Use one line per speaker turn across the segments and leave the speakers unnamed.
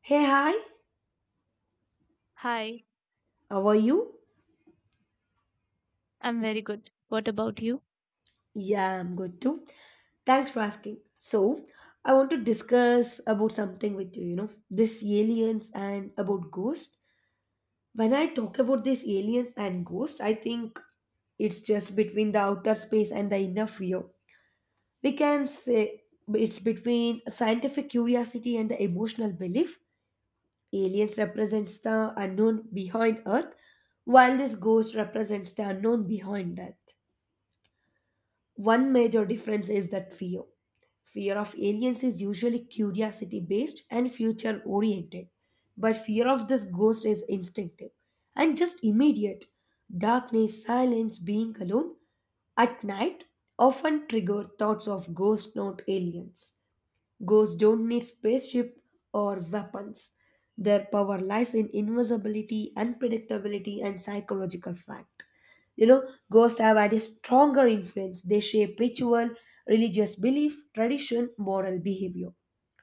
Hey, hi,
Hi,
how are you?
I'm very good. What about you?
Yeah, I'm good too. Thanks for asking. So, I want to discuss about something with you, this aliens and about ghosts. When I talk about these aliens and ghosts, I think it's just between the outer space and the inner fear. We can say it's between scientific curiosity and the emotional belief. Aliens represents the unknown behind Earth, while this ghost represents the unknown behind Earth. One major difference is that fear. Fear of aliens is usually curiosity based and future oriented, but fear of this ghost is instinctive and just immediate. Darkness, silence, being alone at night often trigger thoughts of ghosts, not aliens. Ghosts don't need spaceship or weapons. Their power lies in invisibility, unpredictability, and psychological fact. Ghosts have had a stronger influence. They shape ritual, religious belief, tradition, moral behavior.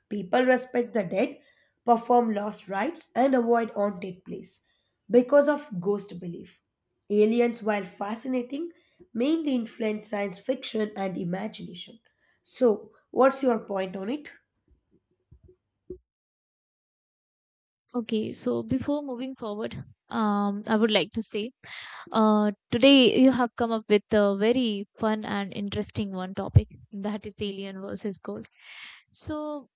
People respect the dead, perform lost rites, and avoid haunted place because of ghost belief. Aliens, while fascinating, mainly influence science fiction and imagination. So, what's your point on it?
Okay, so before moving forward, I would like to say, today you have come up with a very fun and interesting one topic, that is alien versus ghost. So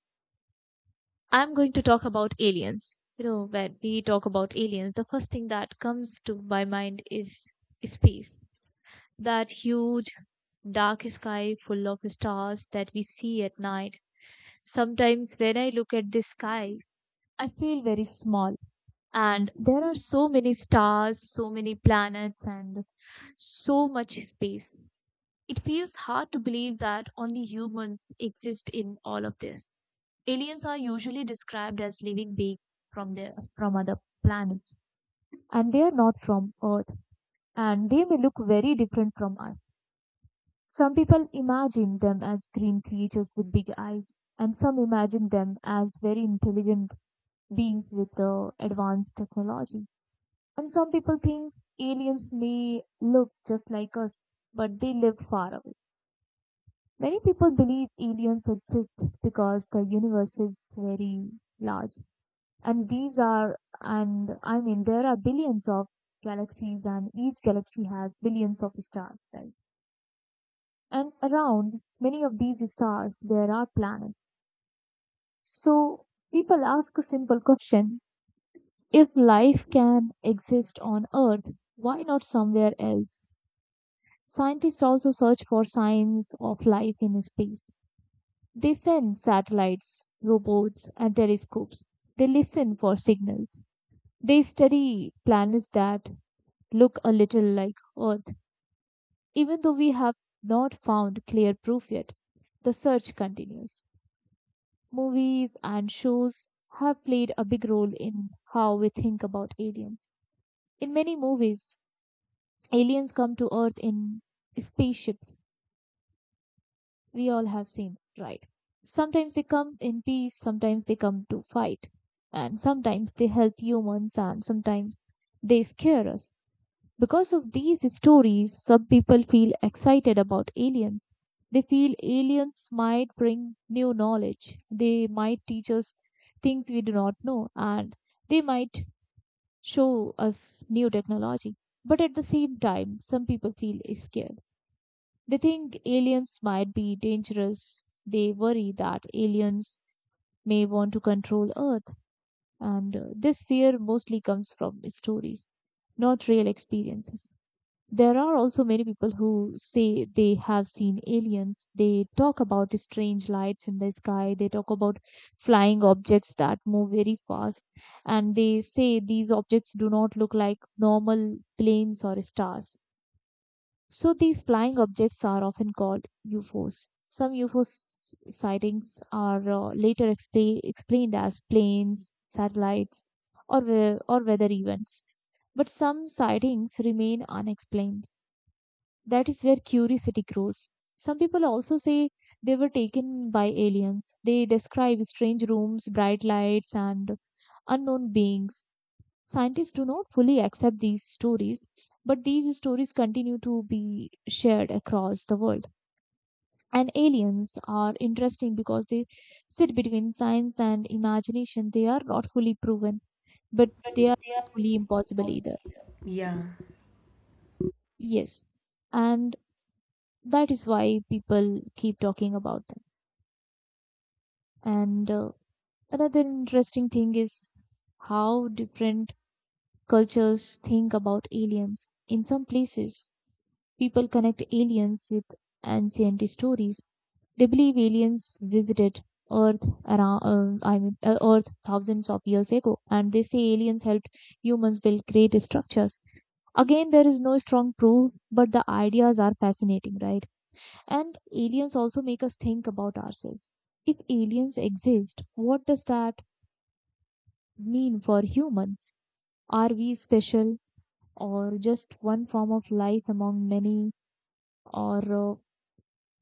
I'm going to talk about aliens. You know, when we talk about aliens, the first thing that comes to my mind is space. That huge dark sky full of stars that we see at night. Sometimes when I look at the sky, I feel very small. And there are so many stars, so many planets, and so much space. It feels hard to believe that only humans exist in all of this. Aliens are usually described as living beings from other planets, and they are not from Earth, and they may look very different from us. Some people imagine them as green creatures with big eyes, and some imagine them as very intelligent beings with advanced technology. And some people think aliens may look just like us, but they live far away. Many people believe aliens exist because the universe is very large. And I mean, there are billions of galaxies, and each galaxy has billions of stars, right? And around many of these stars, there are planets. So people ask a simple question. If life can exist on Earth, why not somewhere else? Scientists also search for signs of life in space. They send satellites, robots, and telescopes. They listen for signals. They study planets that look a little like Earth. Even though we have not found clear proof yet, the search continues. Movies and shows have played a big role in how we think about aliens. In many movies, aliens come to Earth in spaceships, we all have seen, right? Sometimes they come in peace, sometimes they come to fight, and sometimes they help humans, and sometimes they scare us. Because of these stories, some people feel excited about aliens. They feel aliens might bring new knowledge, they might teach us things we do not know, and they might show us new technology. But at the same time, some people feel scared. They think aliens might be dangerous. They worry that aliens may want to control Earth, and this fear mostly comes from stories, not real experiences. There are also many people who say they have seen aliens. They talk about strange lights in the sky. They talk about flying objects that move very fast. And they say these objects do not look like normal planes or stars. So these flying objects are often called UFOs. Some UFO sightings are later explained as planes, satellites, or weather events. But some sightings remain unexplained. That is where curiosity grows. Some people also say they were taken by aliens. They describe strange rooms, bright lights, and unknown beings. Scientists do not fully accept these stories, but these stories continue to be shared across the world. And aliens are interesting because they sit between science and imagination. They are not fully proven, but they are not fully impossible either.
Yeah.
Yes. And that is why people keep talking about them. And another interesting thing is how different cultures think about aliens. In some places, people connect aliens with ancient stories. They believe aliens visited Earth around, I mean, Earth thousands of years ago, and they say aliens helped humans build great structures. Again, there is no strong proof, but the ideas are fascinating, right? And aliens also make us think about ourselves. If aliens exist, what does that mean for humans? Are we special or just one form of life among many? Or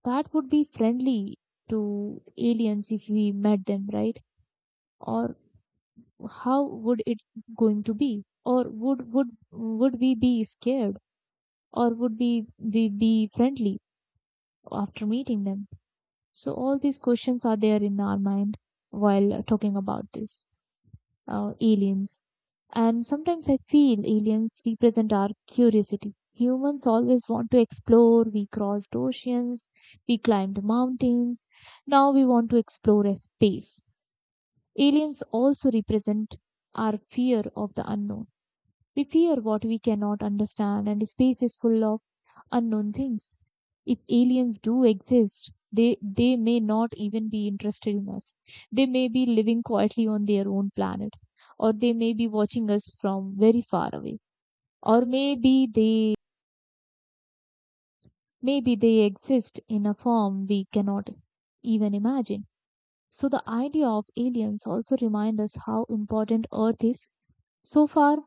That would be friendly to aliens if we met them, right? Or how would it going to be? Or would we be scared? Or would we be friendly after meeting them? So all these questions are there in our mind while talking about this, aliens. And sometimes I feel aliens represent our curiosity. Humans always want to explore. We crossed oceans, we climbed mountains. Now we want to explore a space. Aliens also represent our fear of the unknown. We fear what we cannot understand, and space is full of unknown things. If aliens do exist, they may not even be interested in us. They may be living quietly on their own planet, or they may be watching us from very far away. Or maybe they exist in a form we cannot even imagine. So the idea of aliens also reminds us how important Earth is. So far,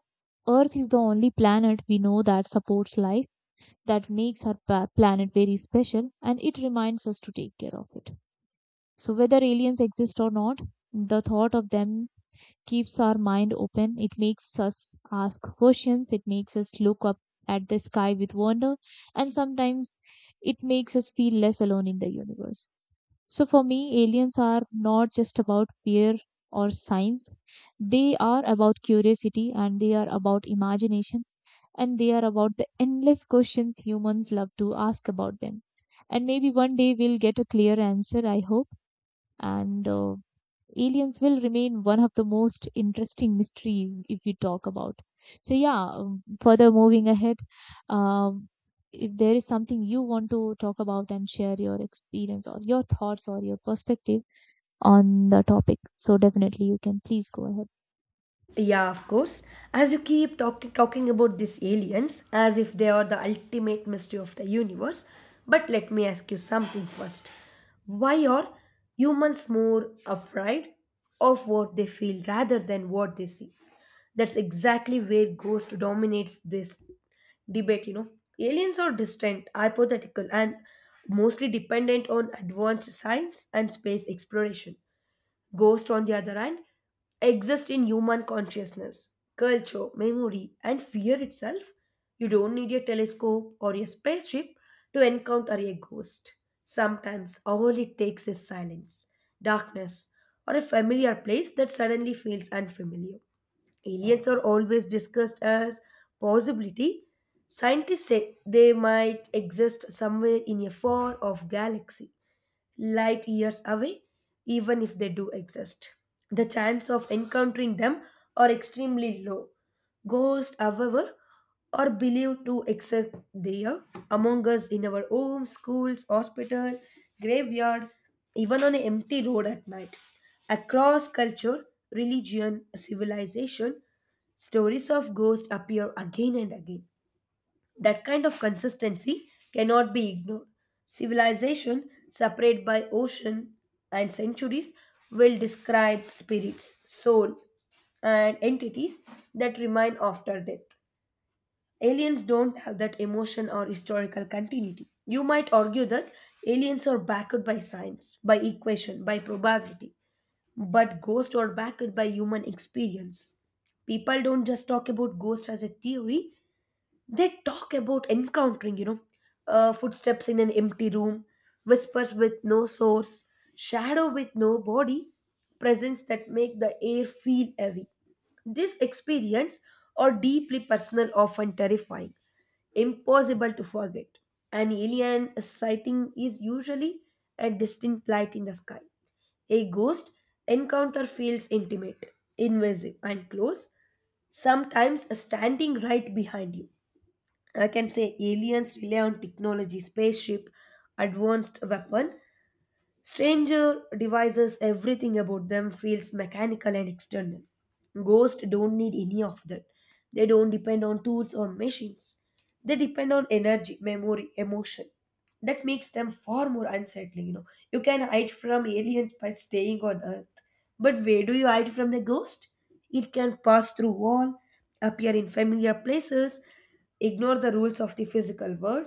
Earth is the only planet we know that supports life that makes our planet very special and it reminds us to take care of it. So, whether aliens exist or not, the thought of them keeps our mind open. It makes us ask questions, it makes us look up at the sky with wonder, and sometimes it makes us feel less alone in the universe. So, for me, aliens are not just about fear or science, they are about curiosity and they are about imagination and they are about the endless questions humans love to ask about them. And maybe one day we'll get a clear answer, I hope. And aliens will remain one of the most interesting mysteries if we talk about. So, yeah, further moving ahead, um, if there is something you want to talk about and share your experience or your thoughts or your perspective on the topic, so definitely you can please go ahead.
Yeah, of course. As you keep talking about these aliens as if they are the ultimate mystery of the universe, but let me ask you something first. Why are humans more afraid of what they feel rather than what they see? That's exactly where Ghost dominates this debate. Aliens are distant, hypothetical, and mostly dependent on advanced science and space exploration. Ghosts, on the other hand, exist in human consciousness, culture, memory, and fear itself. You don't need a telescope or a spaceship to encounter a ghost. Sometimes all it takes is silence, darkness, or a familiar place that suddenly feels unfamiliar. Aliens are always discussed as possibility. Scientists say they might exist somewhere in a far off galaxy light years away, even if they do exist. The chance of encountering them are extremely low. Ghosts, however, are believed to exist there among us in our homes, schools, hospital, graveyard, even on an empty road at night. Across culture, religion, civilization, stories of ghosts appear again and again. That kind of consistency cannot be ignored. Civilization, separated by ocean and centuries, will describe spirits, soul, and entities that remain after death. Aliens don't have that emotion or historical continuity. You might argue that aliens are backed by science, by equation, by probability, but ghosts are backed by human experience. People don't just talk about ghosts as a theory, they talk about encountering, footsteps in an empty room, whispers with no source, shadow with no body, presence that make the air feel heavy. This experience are deeply personal, often terrifying, impossible to forget. An alien sighting is usually a distinct light in the sky. A ghost encounter feels intimate, invasive, and close, sometimes standing right behind you. I can say aliens rely on technology, spaceship, advanced weapon, Stranger devices, everything about them feels mechanical and external. Ghosts don't need any of that. They don't depend on tools or machines. They depend on energy, memory, emotion. That makes them far more unsettling, you know. You can hide from aliens by staying on Earth. But where do you hide from the ghost? It can pass through wall, appear in familiar places, ignore the rules of the physical world.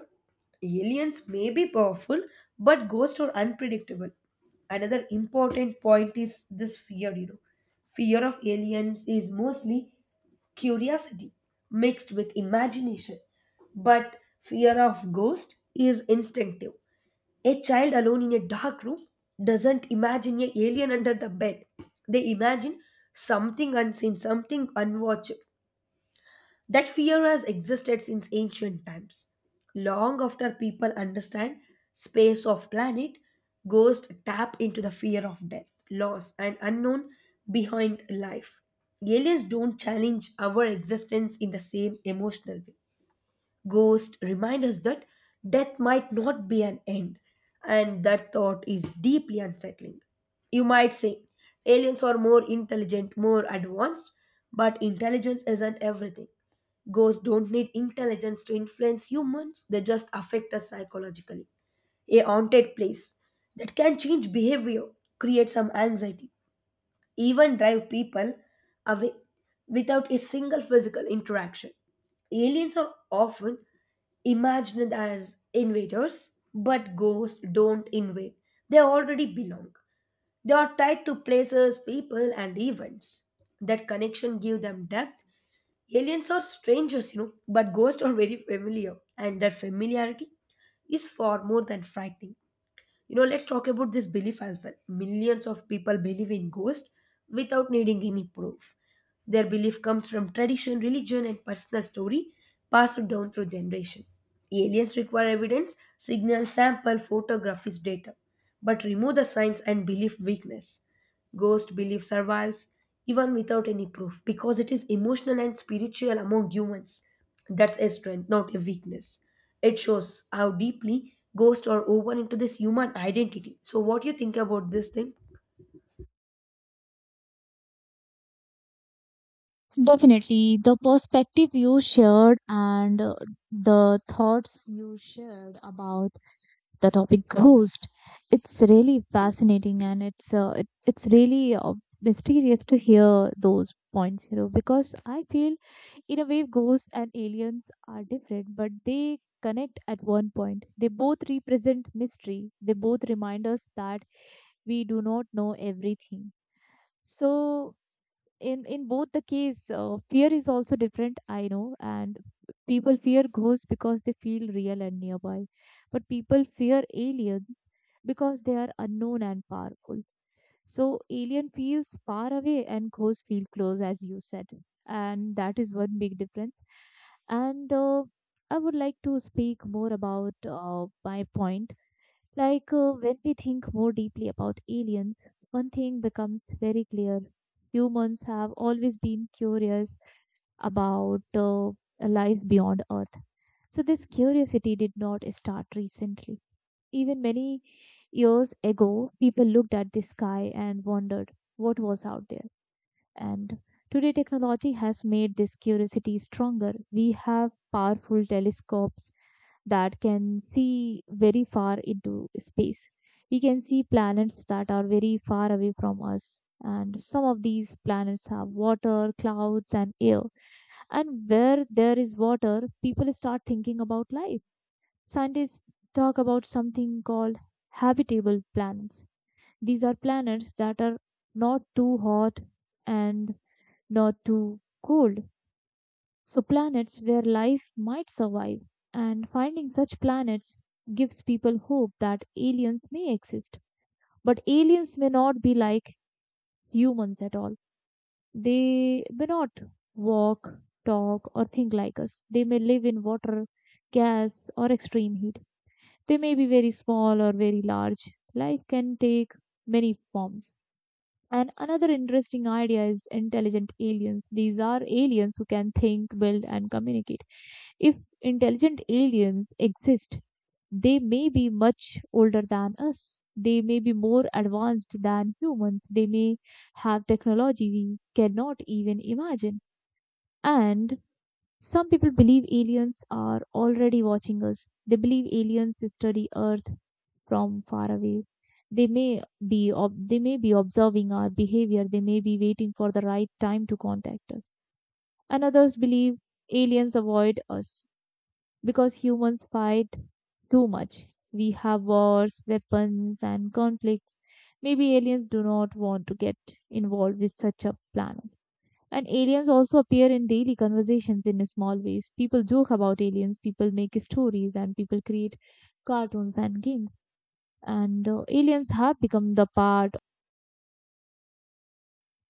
Aliens may be powerful, but ghosts are unpredictable. Another important point is this fear. Fear of aliens is mostly curiosity mixed with imagination, but fear of ghosts is instinctive. A child alone in a dark room doesn't imagine an alien under the bed. They imagine something unseen, something unwatched. That fear has existed since ancient times. Long after people understand space of planet, ghosts tap into the fear of death, loss, and unknown behind life. Aliens don't challenge our existence in the same emotional way. Ghosts remind us that death might not be an end, and that thought is deeply unsettling. You might say aliens are more intelligent, more advanced, but intelligence isn't everything. Ghosts don't need intelligence to influence humans, they just affect us psychologically. A haunted place that can change behavior creates some anxiety even drive people away without a single physical interaction. Aliens are often imagined as invaders, but ghosts don't invade. They already belong. They are tied to places, people, and events. That connection gives them depth. Aliens are strangers, but ghosts are very familiar, and that familiarity is far more than frightening. Let's talk about this belief as well. Millions of people believe in ghosts without needing any proof. Their belief comes from tradition, religion, and personal story passed down through generation. Aliens require evidence, signal, sample, photographies, data, but remove the science and belief weakness. Ghost belief survives even without any proof because it is emotional and spiritual among humans. That's a strength, not a weakness. It shows how deeply ghosts are woven into this human identity. So, what do you think about this thing?
Definitely, the perspective you shared and the thoughts you shared about the topic ghost, it's really fascinating and it's really mysterious to hear those points, you know, because I feel in a way ghosts and aliens are different, but they connect at one point. They both represent mystery. They both remind us that we do not know everything. So in both the case fear is also different, I know, and people fear ghosts because they feel real and nearby, but people fear aliens because they are unknown and powerful. So alien feels far away and ghosts feel close, as you said, and that is one big difference. And I would like to speak more about my point. When we think more deeply about aliens, one thing becomes very clear. Humans have always been curious about a life beyond Earth. So, this curiosity did not start recently. Even many years ago, people looked at the sky and wondered what was out there. And today, technology has made this curiosity stronger. We have powerful telescopes that can see very far into space. We can see planets that are very far away from us. And some of these planets have water, clouds, and air. And where there is water, people start thinking about life. Scientists talk about something called habitable planets. These are planets that are not too hot and nor too cold. So, planets where life might survive. And finding such planets gives people hope that aliens may exist. But aliens may not be like humans at all. They may not walk, talk, or think like us. They may live in water, gas, or extreme heat. They may be very small or very large. Life can take many forms. And another interesting idea is intelligent aliens. These are aliens who can think, build, and communicate. If intelligent aliens exist, they may be much older than us. They may be more advanced than humans. They may have technology we cannot even imagine. And some people believe aliens are already watching us. They believe aliens study Earth from far away. They may be they may be observing our behavior. They may be waiting for the right time to contact us. And others believe aliens avoid us because humans fight too much. We have wars, weapons, and conflicts. Maybe aliens do not want to get involved with such a planet. And aliens also appear in daily conversations in small ways. People joke about aliens, people make stories, and people create cartoons and games. And aliens have become the part,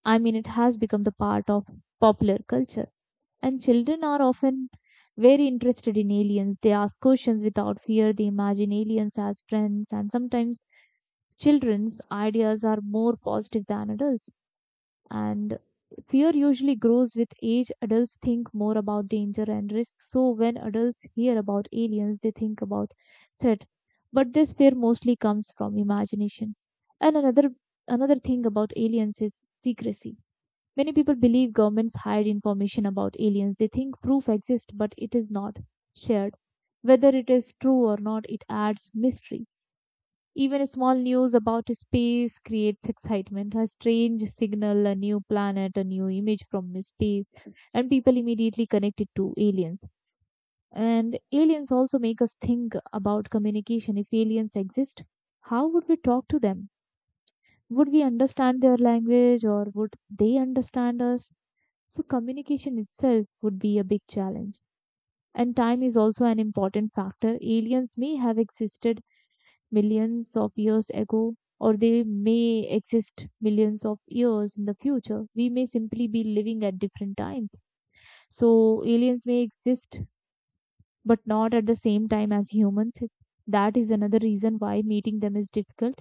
I mean, it has become the part of popular culture. And children are often very interested in aliens. They ask questions without fear, they imagine aliens as friends, and sometimes children's ideas are more positive than adults. And fear usually grows with age. Adults think more about danger and risk, so when adults hear about aliens they think about threat, but this fear mostly comes from imagination. And another thing about aliens is secrecy. Many people believe governments hide information about aliens. They think proof exists but it is not shared. Whether it is true or not, it adds mystery. Even a small news about space creates excitement. A strange signal, a new planet, a new image from space, and people immediately connect it to aliens. And aliens also make us think about communication. If aliens exist, how would we talk to them? Would we understand their language or would they understand us? So, communication itself would be a big challenge. And time is also an important factor. Aliens may have existed millions of years ago, or they may exist millions of years in the future. We may simply be living at different times. So, aliens may exist, but not at the same time as humans. That is another reason why meeting them is difficult.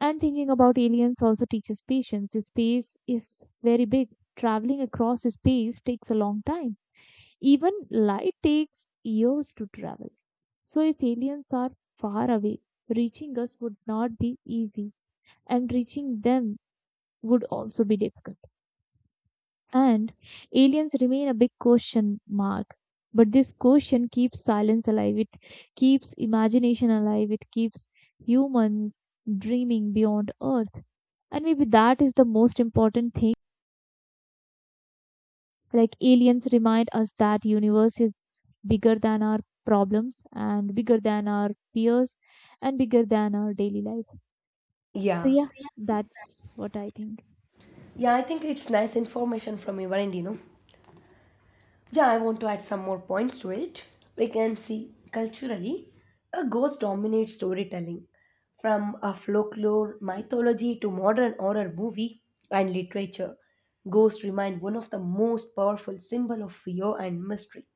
And thinking about aliens also teaches patience. Space is very big. Traveling across space takes a long time. Even light takes years to travel. So, if aliens are far away, reaching us would not be easy and reaching them would also be difficult. And aliens remain a big question mark. But this question keeps silence alive, it keeps imagination alive, it keeps humans dreaming beyond Earth. And maybe that is the most important thing. Like aliens remind us that universe is bigger than our problems and bigger than our fears and bigger than our daily life. So
Yeah.
yeah, that's what I think.
Yeah, I think it's nice information from your end. Yeah, I want to add some more points to it. We can see culturally, a ghost dominates storytelling. From a folklore mythology to modern horror movie and literature, ghosts remain one of the most powerful symbol of fear and mystery.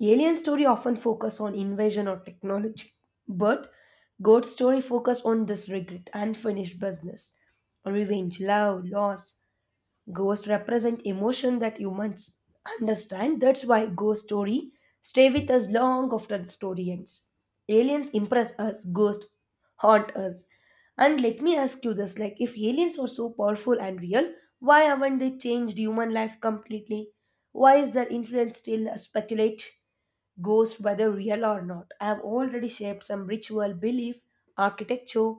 Alien story often focus on invasion or technology, but God's story focus on this regret, unfinished business, revenge, love, loss. Ghosts represent emotion that humans understand. That's why ghost story stay with us long after the story ends. Aliens impress us, ghosts haunt us. And let me ask you this: like, if aliens are so powerful and real, why haven't they changed human life completely? Why is their influence still speculate? Ghosts, whether real or not, have already shaped some ritual, belief, architecture,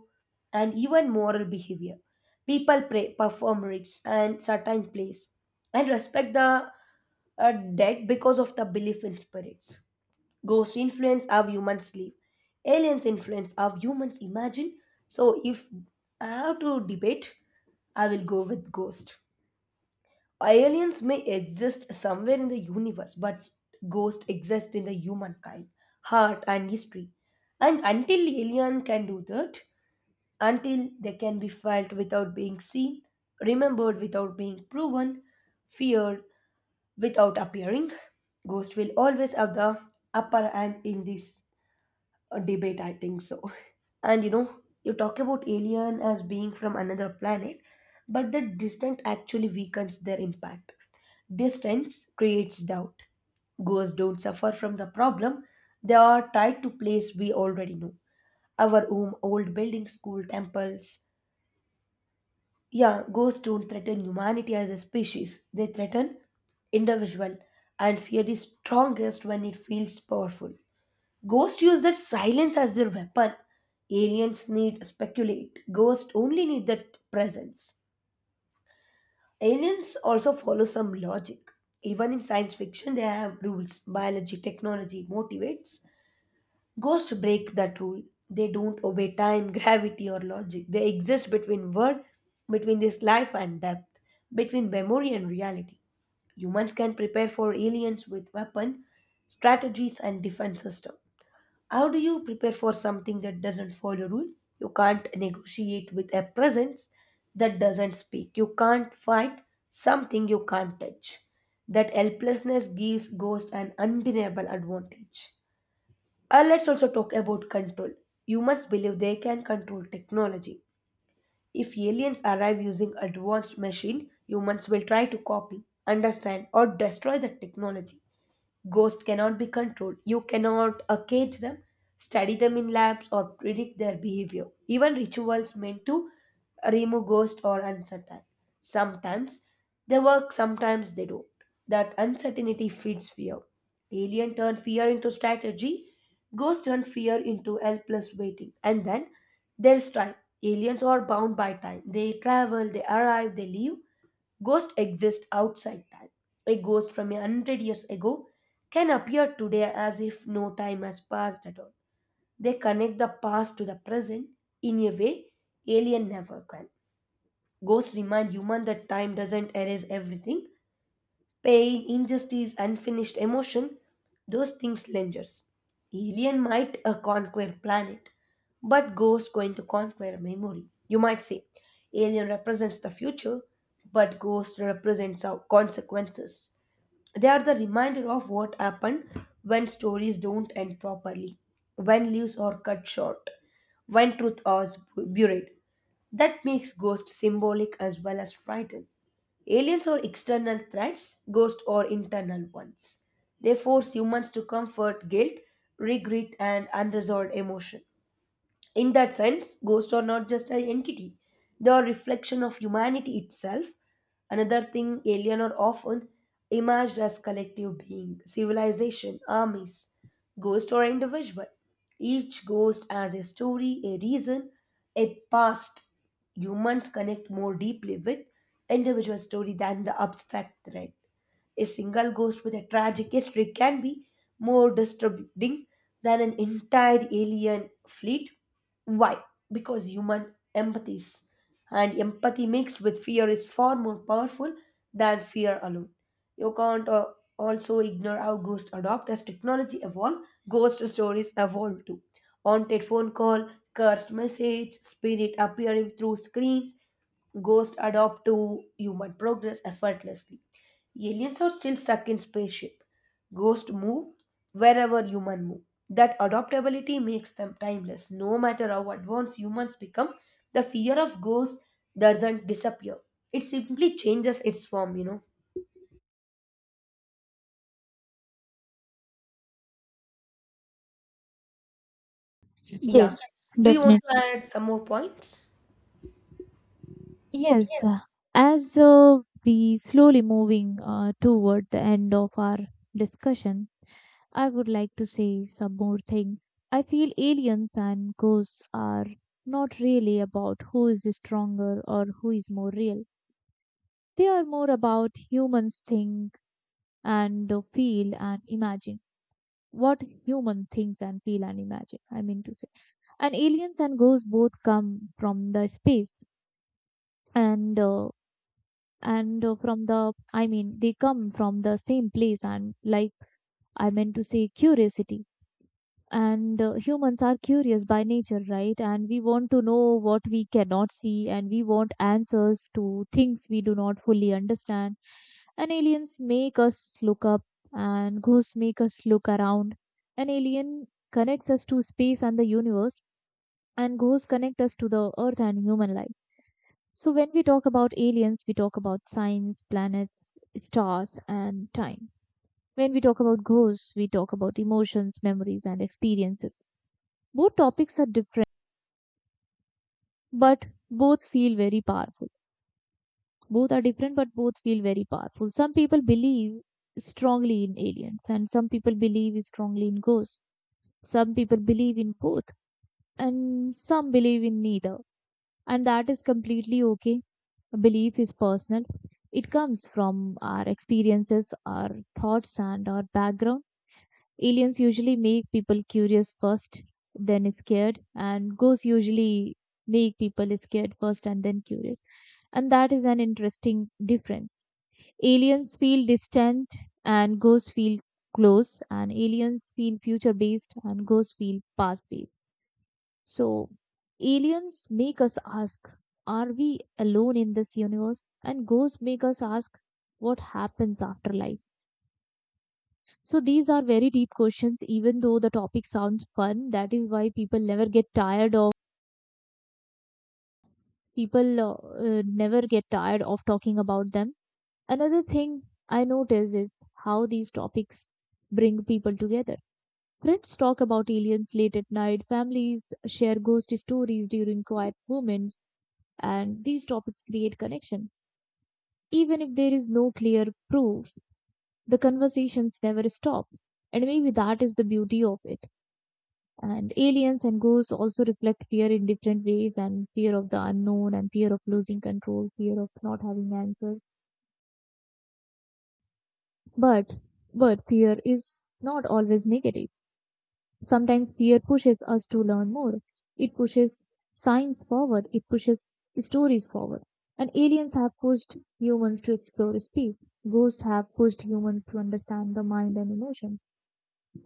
and even moral behavior. People pray, perform rites, and certain plays, and respect the dead because of the belief in spirits. Ghosts influence how humans live. Aliens influence how humans imagine. So, if I have to debate, I will go with ghost aliens may exist somewhere in the universe, but ghosts exist in the humankind, heart, and history. And until alien can do that, until they can be felt without being seen, remembered without being proven, feared without appearing, ghosts will always have the upper hand in this debate. I think so. And you know, you talk about alien as being from another planet, but the distance actually weakens their impact. Distance creates doubt. Ghosts don't suffer from the problem, they are tied to place we already know. Our home, old buildings, school, temples. Yeah, ghosts don't threaten humanity as a species, they threaten individual, and fear is strongest when it feels powerful. Ghosts use that silence as their weapon. Aliens need speculate. Ghosts only need that presence. Aliens also follow some logic. Even in science fiction, they have rules. Biology, technology motivates. Ghosts break that rule. They don't obey time, gravity, or logic. They exist between world, between this life and death, between memory and reality. Humans can prepare for aliens with weapon, strategies, and defense system. How do you prepare for something that doesn't follow rule? You can't negotiate with a presence that doesn't speak. You can't fight something you can't touch. That helplessness gives ghosts an undeniable advantage. Let's also talk about control. Humans believe they can control technology. If aliens arrive using advanced machine, humans will try to copy, understand, or destroy the technology. Ghosts cannot be controlled. You cannot cage them, study them in labs, or predict their behavior. Even rituals meant to remove ghosts are uncertain. Sometimes they work, sometimes they don't. That uncertainty feeds fear. Alien turn fear into strategy, ghosts turn fear into helpless waiting. And then there's time. Aliens are bound by time. They travel, they arrive, they leave. Ghosts exist outside time. A ghost from a hundred years ago can appear today as if no time has passed at all. They connect the past to the present in a way alien never can. Ghosts remind human that time doesn't erase everything, pain, injustice, unfinished emotion, those things lingers. Alien might conquer planet, but Ghost going to conquer memory. You might say, Alien represents the future, but Ghost represents our consequences. They are the reminder of what happened when stories don't end properly, when leaves are cut short, when truth is buried. That makes Ghost symbolic as well as frightened. Aliens are external threats, ghosts are internal ones. They force humans to comfort guilt, regret, and unresolved emotion. In that sense, ghosts are not just an entity, they are a reflection of humanity itself. Another thing, alien are often imagined as collective being, civilization, armies, Ghosts are individual. Each ghost has a story, a reason, a past. Humans connect more deeply with individual story than the abstract thread. A single ghost with a tragic history can be more disturbing than an entire alien fleet. Why? Because human empathy is, and empathy mixed with fear is far more powerful than fear alone. You can't also ignore how ghosts adopt as technology evolve. Ghost stories evolve too. Haunted phone call, cursed message, spirit appearing through screens. Ghosts adopt to human progress effortlessly. Aliens are still stuck in spaceship. Ghosts move wherever human move. That adaptability makes them timeless. No matter how advanced humans become, the fear of ghosts doesn't disappear. It simply changes its form. Yeah.
Yes,
Do you want to
definitely.
add some more points?
Yes, as we slowly moving toward the end of our discussion, I would like to say some more things. I feel aliens and ghosts are not really about who is stronger or who is more real. They are more about humans think and feel and imagine. What human thinks and feel and imagine, I mean to say. And aliens and ghosts both come from the space and uh, and from the I mean they come from the same place, and like I meant to say, curiosity. And Humans are curious by nature, right? And we want to know what we cannot see, and we want answers to things we do not fully understand. And aliens make us look up and ghosts make us look around. An alien connects us to space and the universe, and ghosts connect us to the earth and human life. So, when we talk about aliens, we talk about signs, planets, stars, and time. When we talk about ghosts, we talk about emotions, memories, and experiences. Both topics are different, but both feel very powerful. Both are different, but both feel very powerful. Some people believe strongly in aliens, and some people believe strongly in ghosts. Some people believe in both, and some believe in neither. And that is completely okay. Belief is personal. It comes from our experiences, our thoughts, and our background. Aliens usually make people curious first, then scared, and ghosts usually make people scared first and then curious. And that is an interesting difference. Aliens feel distant, and ghosts feel close, and aliens feel future based, and ghosts feel past based. So, aliens make us ask, are we alone in this universe? And ghosts make us ask, what happens after life? So, these are very deep questions, even though the topic sounds fun. That is why people never get tired of talking about them. Another thing I notice is how these topics bring people together. Friends talk about aliens late at night, families share ghost stories during quiet moments, and these topics create connection. Even if there is no clear proof, the conversations never stop. And maybe that is the beauty of it. And aliens and ghosts also reflect fear in different ways, and fear of the unknown and fear of losing control, fear of not having answers. But but fear is not always negative. Sometimes fear pushes us to learn more. It pushes science forward. It pushes stories forward. And aliens have pushed humans to explore space. Ghosts have pushed humans to understand the mind and emotion.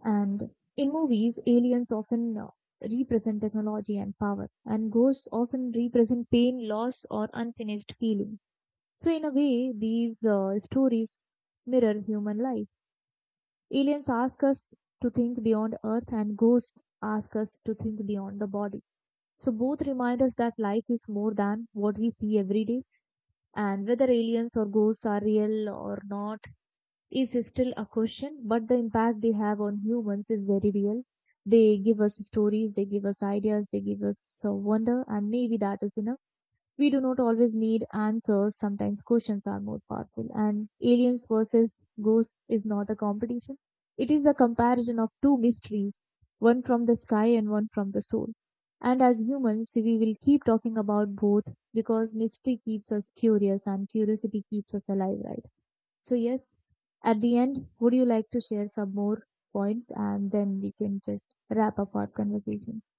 And in movies, aliens often represent technology and power, and ghosts often represent pain, loss, or unfinished feelings. So, in a way, these stories mirror human life. Aliens ask us to think beyond Earth, and ghosts ask us to think beyond the body. So, both remind us that life is more than what we see every day. And whether aliens or ghosts are real or not is still a question, but the impact they have on humans is very real. They give us stories, they give us ideas, they give us wonder, and maybe that is enough. We do not always need answers, sometimes questions are more powerful. And aliens versus ghosts is not a competition, it is a comparison of two mysteries, one from the sky and one from the soul. And as humans, we will keep talking about both because mystery keeps us curious and curiosity keeps us alive, right? So, yes, at the end, would you like to share some more points and then we can just wrap up our conversations?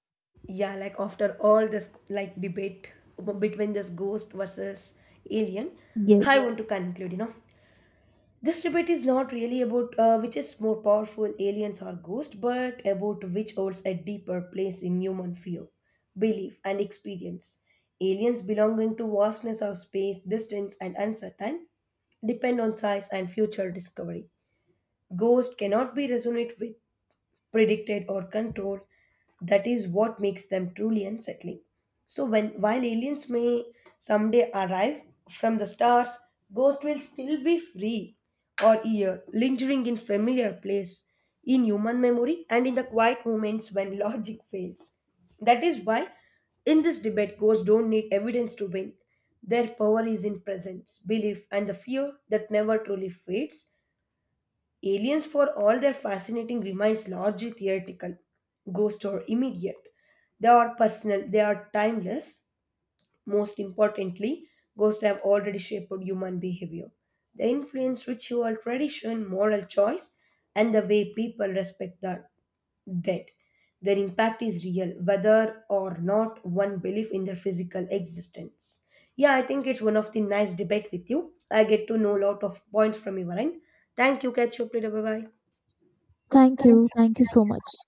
Yeah, like after all this like debate between this ghost versus alien,
Yes.
I want to conclude, This debate is not really about which is more powerful, aliens or ghosts, but about which holds a deeper place in human fear, belief, and experience. Aliens belonging to vastness of space, distance, and uncertain depend on size and future discovery. Ghosts cannot be resonated with predicted or controlled. That is what makes them truly unsettling. So when while aliens may someday arrive from the stars, ghosts will still be free or here, lingering in familiar place, in human memory and in the quiet moments when logic fails. That is why in this debate, ghosts don't need evidence to win. Their power is in presence, belief, and the fear that never truly fades. Aliens, for all their fascinating, remains largely theoretical, ghost or immediate. They are personal, they are timeless. Most importantly, ghosts have already shaped human behavior. They influence ritual, tradition, moral choice, and the way people respect the dead. Their impact is real, whether or not one believes in their physical existence. Yeah, I think it's one of the nice debate with you. I get to know a lot of points from your end. Thank you. Catch you up later. Bye bye.
Thank you. Thank you so much.